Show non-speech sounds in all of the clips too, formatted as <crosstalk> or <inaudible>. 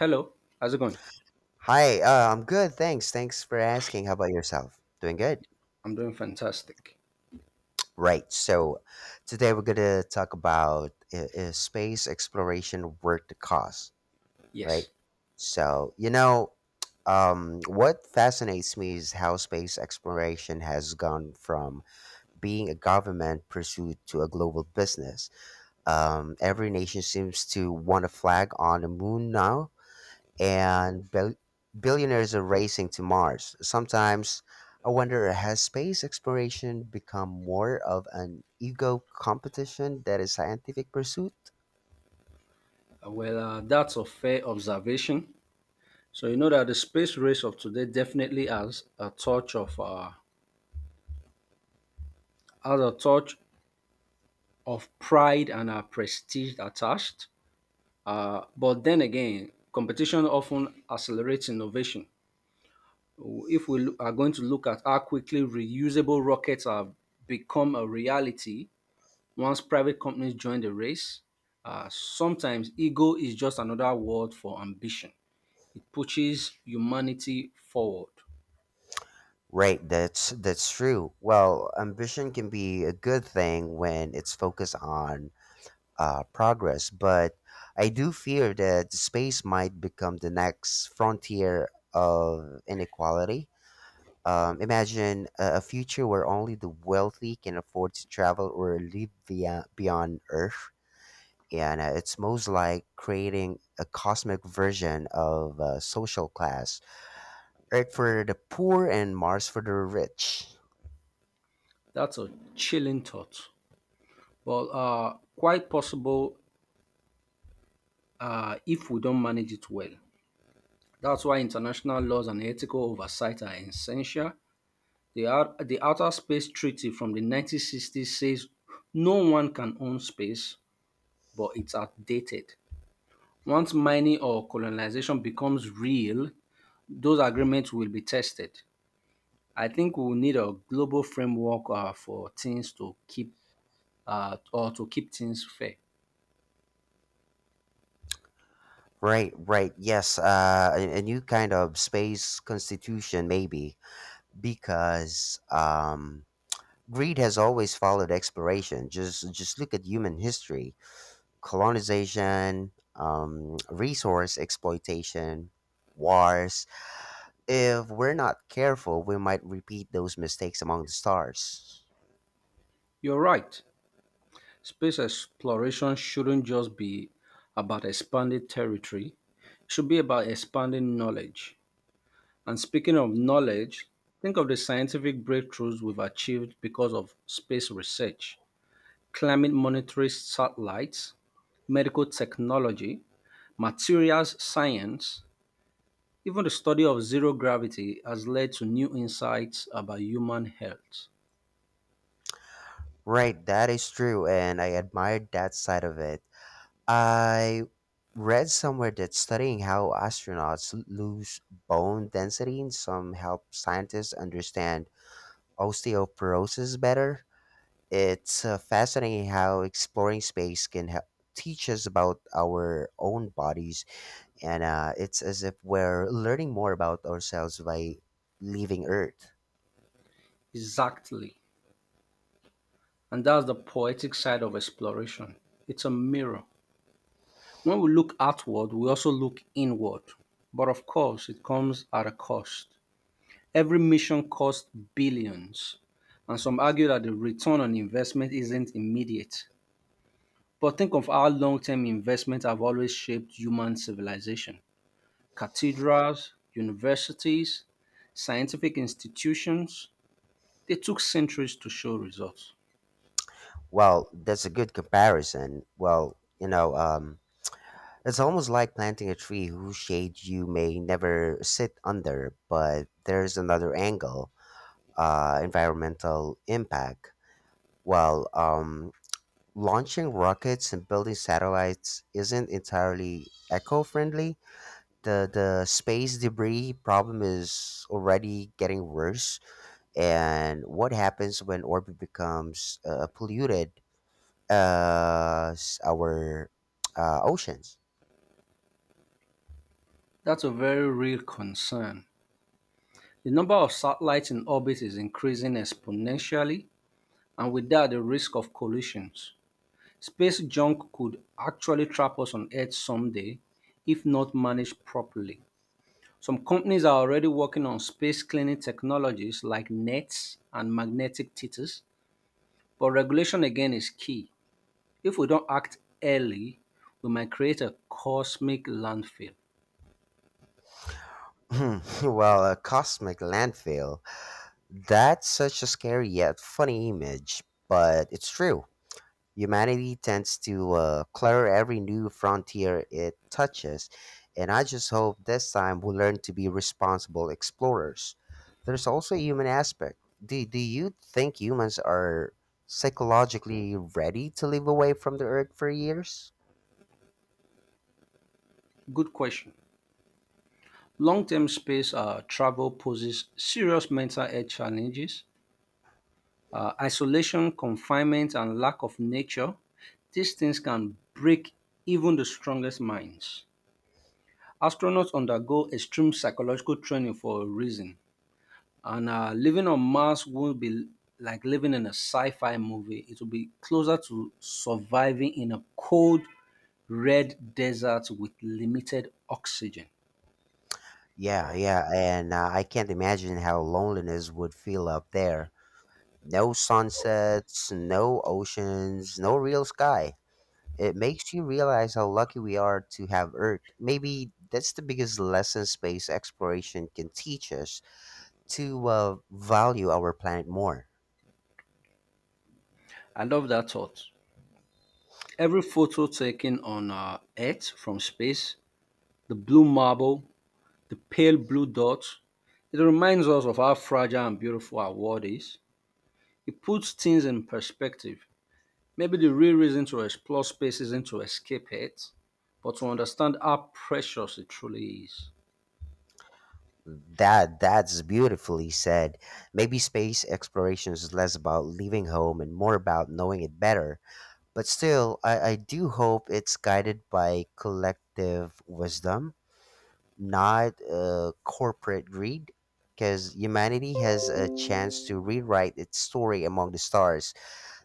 Hello, how's it going? Hi, I'm good. Thanks. Thanks for asking. How about yourself? Doing good? I'm doing fantastic. Right. So, today we're going to talk about is space exploration worth the cost, right? Yes. So, you know, what fascinates me is how space exploration has gone from being a government pursuit to a global business. Every nation seems to want a flag on the moon now and billionaires are racing to Mars. Sometimes I wonder, has space exploration become more of an ego competition than a scientific pursuit? Well, that's a fair observation. So you know that the space race of today definitely has a touch of pride and prestige attached. But then again, competition often accelerates innovation. If we loo- are going to look at how quickly reusable rockets have become a reality. Once private companies join the race, sometimes ego is just another word for ambition. It pushes humanity forward. Right, that's true. Well, ambition can be a good thing when it's focused on progress, but I do fear that space might become the next frontier of inequality. Imagine a future where only the wealthy can afford to travel or live via beyond Earth. And it's most like creating a cosmic version of social class. Earth for the poor and Mars for the rich. That's a chilling thought, but quite possible if we don't manage it well. That's why international laws and ethical oversight are essential. The Outer Space Treaty from the 1960s says no one can own space, but it's outdated. Once mining or colonization becomes real, those agreements will be tested. I think we will need a global framework for things to keep or to keep things fair. Right, right. Yes, a new kind of space constitution, maybe, because greed has always followed exploration. Just look at human history. Colonization, resource exploitation, wars. If we're not careful, we might repeat those mistakes among the stars. You're right. Space exploration shouldn't just be about expanding territory. It should be about expanding knowledge. And speaking of knowledge, think of the scientific breakthroughs we've achieved because of space research. Climate monitoring satellites, medical technology, materials science, even the study of zero gravity has led to new insights about human health. Right, that is true, and I admired that side of it. I read somewhere that studying how astronauts lose bone density in some help scientists understand osteoporosis better. It's fascinating how exploring space can help teach us about our own bodies. And it's as if we're learning more about ourselves by leaving Earth. Exactly. And that's the poetic side of exploration. It's a mirror. When we look outward, we also look inward. But of course, it comes at a cost. Every mission costs billions. And some argue that the return on investment isn't immediate. But think of how long term investments have always shaped human civilization. Cathedrals, universities, scientific institutions, they took centuries to show results. Well, that's a good comparison. Well, you know, it's almost like planting a tree whose shade you may never sit under, but there's another angle, environmental impact. Well, launching rockets and building satellites isn't entirely eco friendly. The space debris problem is already getting worse. And what happens when orbit becomes polluted as our oceans? That's a very real concern. The number of satellites in orbit is increasing exponentially, and with that, the risk of collisions. Space junk could actually trap us on Earth someday if not managed properly. Some companies are already working on space cleaning technologies like nets and magnetic titters, but regulation again is key. If we don't act early, we might create a cosmic landfill. <laughs> Well, a cosmic landfill. That's such a scary yet funny image, but it's true. Humanity tends to clutter every new frontier it touches, and I just hope this time we learn to be responsible explorers. There's also a human aspect. Do you think humans are psychologically ready to live away from the Earth for years? Good question. Long term space travel poses serious mental health challenges. Isolation, confinement, and lack of nature, these things can break even the strongest minds. Astronauts undergo extreme psychological training for a reason. And living on Mars won't be like living in a sci fi movie. It will be closer to surviving in a cold, red desert with limited oxygen. Yeah, yeah, and I can't imagine how loneliness would feel up there. No sunsets, no oceans, no real sky. It makes you realize how lucky we are to have Earth. Maybe that's the biggest lesson space exploration can teach us, to value our planet more. I love that thought. Every photo taken on Earth from space, the blue marble, the pale blue dot, it reminds us of how fragile and beautiful our world is. It puts things in perspective. Maybe the real reason to explore space isn't to escape it, but to understand how precious it truly is. That's beautifully said. Maybe space exploration is less about leaving home and more about knowing it better. But still, I do hope it's guided by collective wisdom, not corporate greed, because humanity has a chance to rewrite its story among the stars.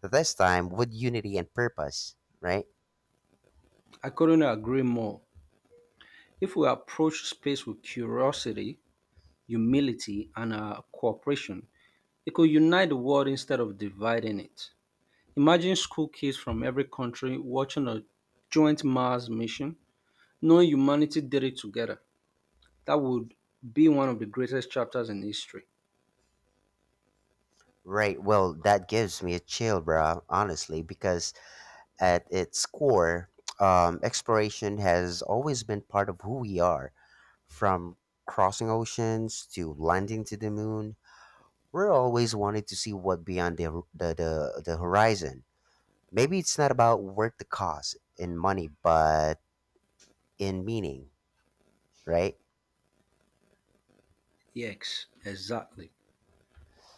So this time with unity and purpose, right? I couldn't agree more. If we approach space with curiosity, humility, and cooperation, it could unite the world instead of dividing it. Imagine school kids from every country watching a joint Mars mission, knowing humanity did it together. That would be one of the greatest chapters in history. Right. Well, that gives me a chill, bro, honestly, because at its core, exploration has always been part of who we are. From crossing oceans to landing to the moon, we're always wanting to see what beyond the horizon. Maybe it's not about worth the cost in money, but in meaning, right? Yes, exactly.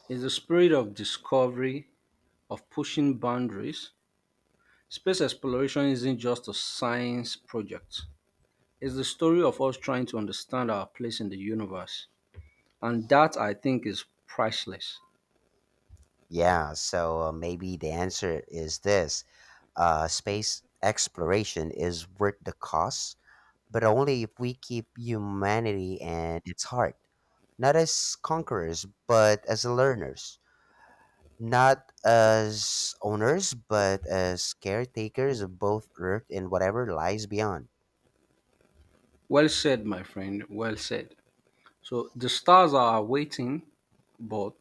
It's the spirit of discovery, of pushing boundaries. Space exploration isn't just a science project, it's the story of us trying to understand our place in the universe. And that, I think, is priceless. Yeah, so maybe the answer is this, space exploration is worth the cost, but only if we keep humanity and its heart, not as conquerors, but as learners, not as owners, but as caretakers of both Earth and whatever lies beyond. Well said, my friend, well said. So the stars are waiting, but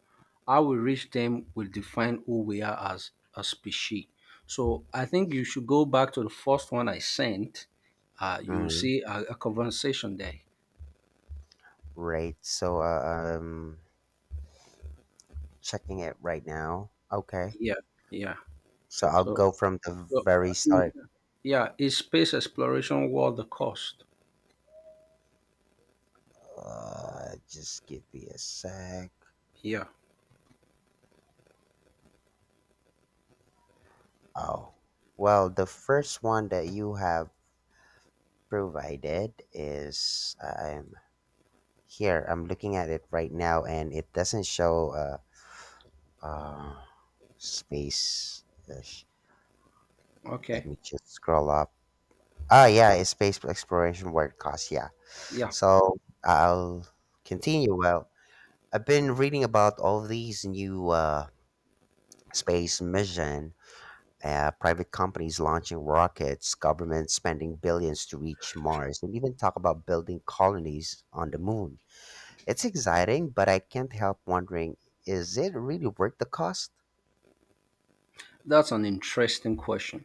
how we reach them will define who we are as a species. So I think you should go back to the first one I sent. You will Mm, see a conversation there. right. So checking it right now. Okay. Yeah, yeah. So I'll So go from the So, very uh, in- start. yeah, is space exploration worth the cost? Just give me a sec. Yeah. Oh, well, the first one that you have provided is, I'm here. I'm looking at it right now, and it doesn't show uh space. Ish. Let Okay. me just scroll up. Ah, yeah, it's space exploration word cost. Yeah, Yeah. so I'll continue. Well, I've been reading about all these new space missions, private companies launching rockets, governments spending billions to reach Mars, and even talk about building colonies on the moon. It's exciting, but I can't help wondering, is it really worth the cost? That's an interesting question.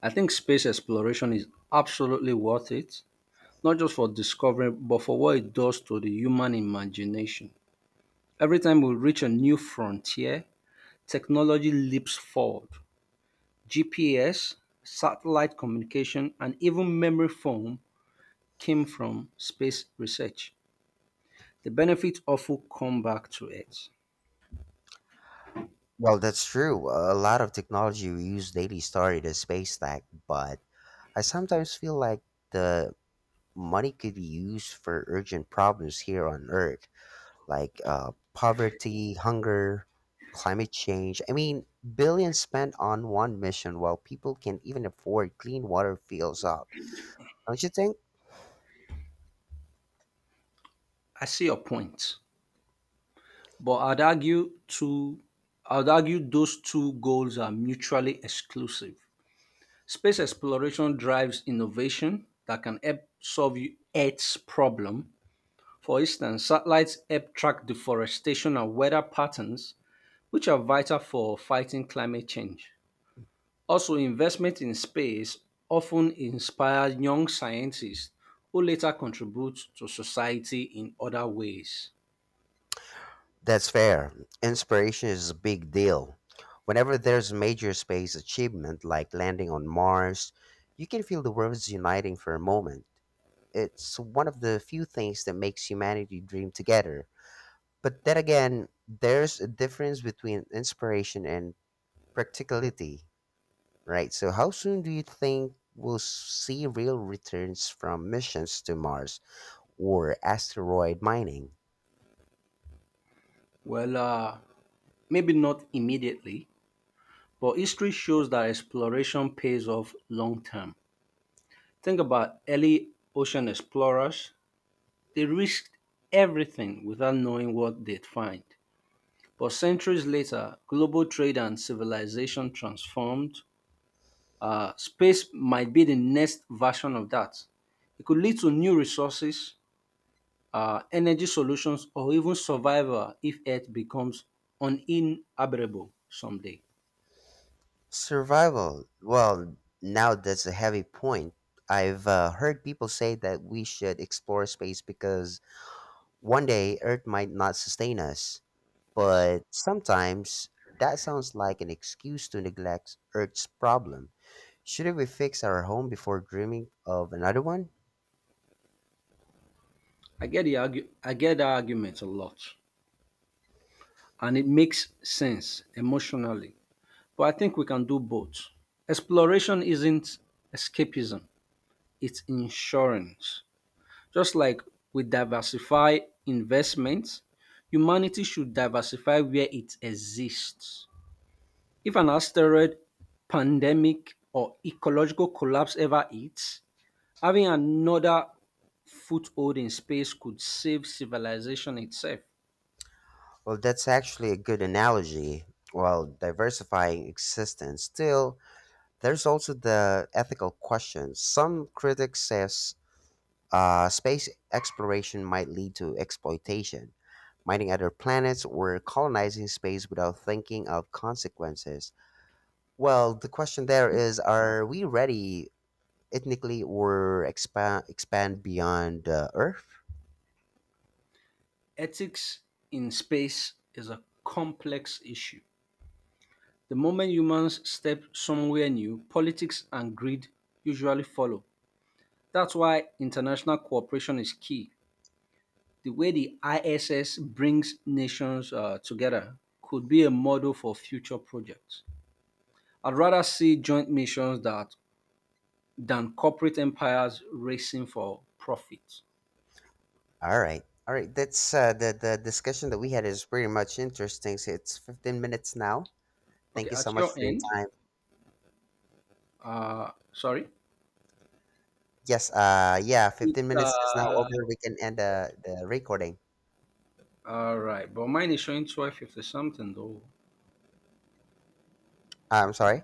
I think space exploration is absolutely worth it, not just for discovery, but for what it does to the human imagination. Every time we reach a new frontier, technology leaps forward. GPS, satellite communication, and even memory foam came from space research. The benefits often come back to Earth. Well, that's true. A lot of technology we use daily started as space tech, but I sometimes feel like the money could be used for urgent problems here on Earth, like poverty, hunger, climate change. I mean, billions spent on one mission while people can't even afford clean water fills up. Don't you think? I see your point, but I'd argue those two goals are mutually exclusive. Space exploration drives innovation that can help solve Earth's problem. For instance, satellites help track deforestation and weather patterns, which are vital for fighting climate change. Also, investment in space often inspires young scientists who later contribute to society in other ways. That's fair. Inspiration is a big deal. Whenever there's major space achievement like landing on Mars, you can feel the world's uniting for a moment. It's one of the few things that makes humanity dream together. But then again, there's a difference between inspiration and practicality. Right. So, how soon do you think we'll see real returns from missions to Mars or asteroid mining? Well, maybe not immediately, but history shows that exploration pays off long term. Think about early ocean explorers. They risked everything without knowing what they'd find. But centuries later, global trade and civilization transformed. Space might be the next version of that. It could lead to new resources, energy solutions, or even survival if Earth becomes uninhabitable someday. Survival. Well, now that's a heavy point. I've heard people say that we should explore space because one day Earth might not sustain us. Yes. But sometimes that sounds like an excuse to neglect Earth's problem. Shouldn't we fix our home before dreaming of another one? I get that argument a lot, and it makes sense emotionally. But I think we can do both. Exploration isn't escapism; it's insurance. Just like we diversify investments, humanity should diversify where it exists. If an asteroid, pandemic, or ecological collapse ever hits, having another foothold in space could save civilization itself. Well, that's actually a good analogy. While diversifying existence, still, there's also the ethical question. Some critics says space exploration might lead to exploitation, mining other planets or colonizing space without thinking of consequences. Well, the question there is: are we ready ethnically or expand beyond Earth? Ethics in space is a complex issue. The moment humans step somewhere new, politics and greed usually follow. That's why international cooperation is key. The way the ISS brings nations together could be a model for future projects. I'd rather see joint missions that than corporate empires racing for profit. All right. All right. That's the discussion that we had is pretty much interesting. So it's 15 minutes now. Okay, Thank you so at much your for your end, time. Sorry, Yes. Yeah. it's 15 minutes is now over. We can end the recording. all right, but mine is showing 12:50 something though. I'm sorry.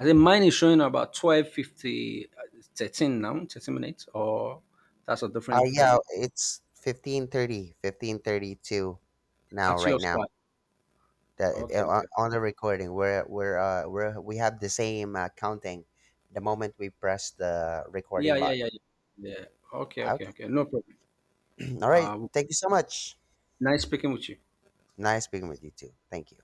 I think mine is showing about 12:50, 13 now, 13 minutes, or that's a different Yeah. thing. It's 15:30. 15:32 now. At Right your side. now. The Okay, okay. on the recording. We're we have the same counting. The moment we press the recording Yeah, yeah, button. yeah, yeah. Yeah. Okay, okay, Okay. okay. No problem. <clears throat> All right. Uh, Thank you so much. Nice speaking with you. Nice speaking with you too. Thank you.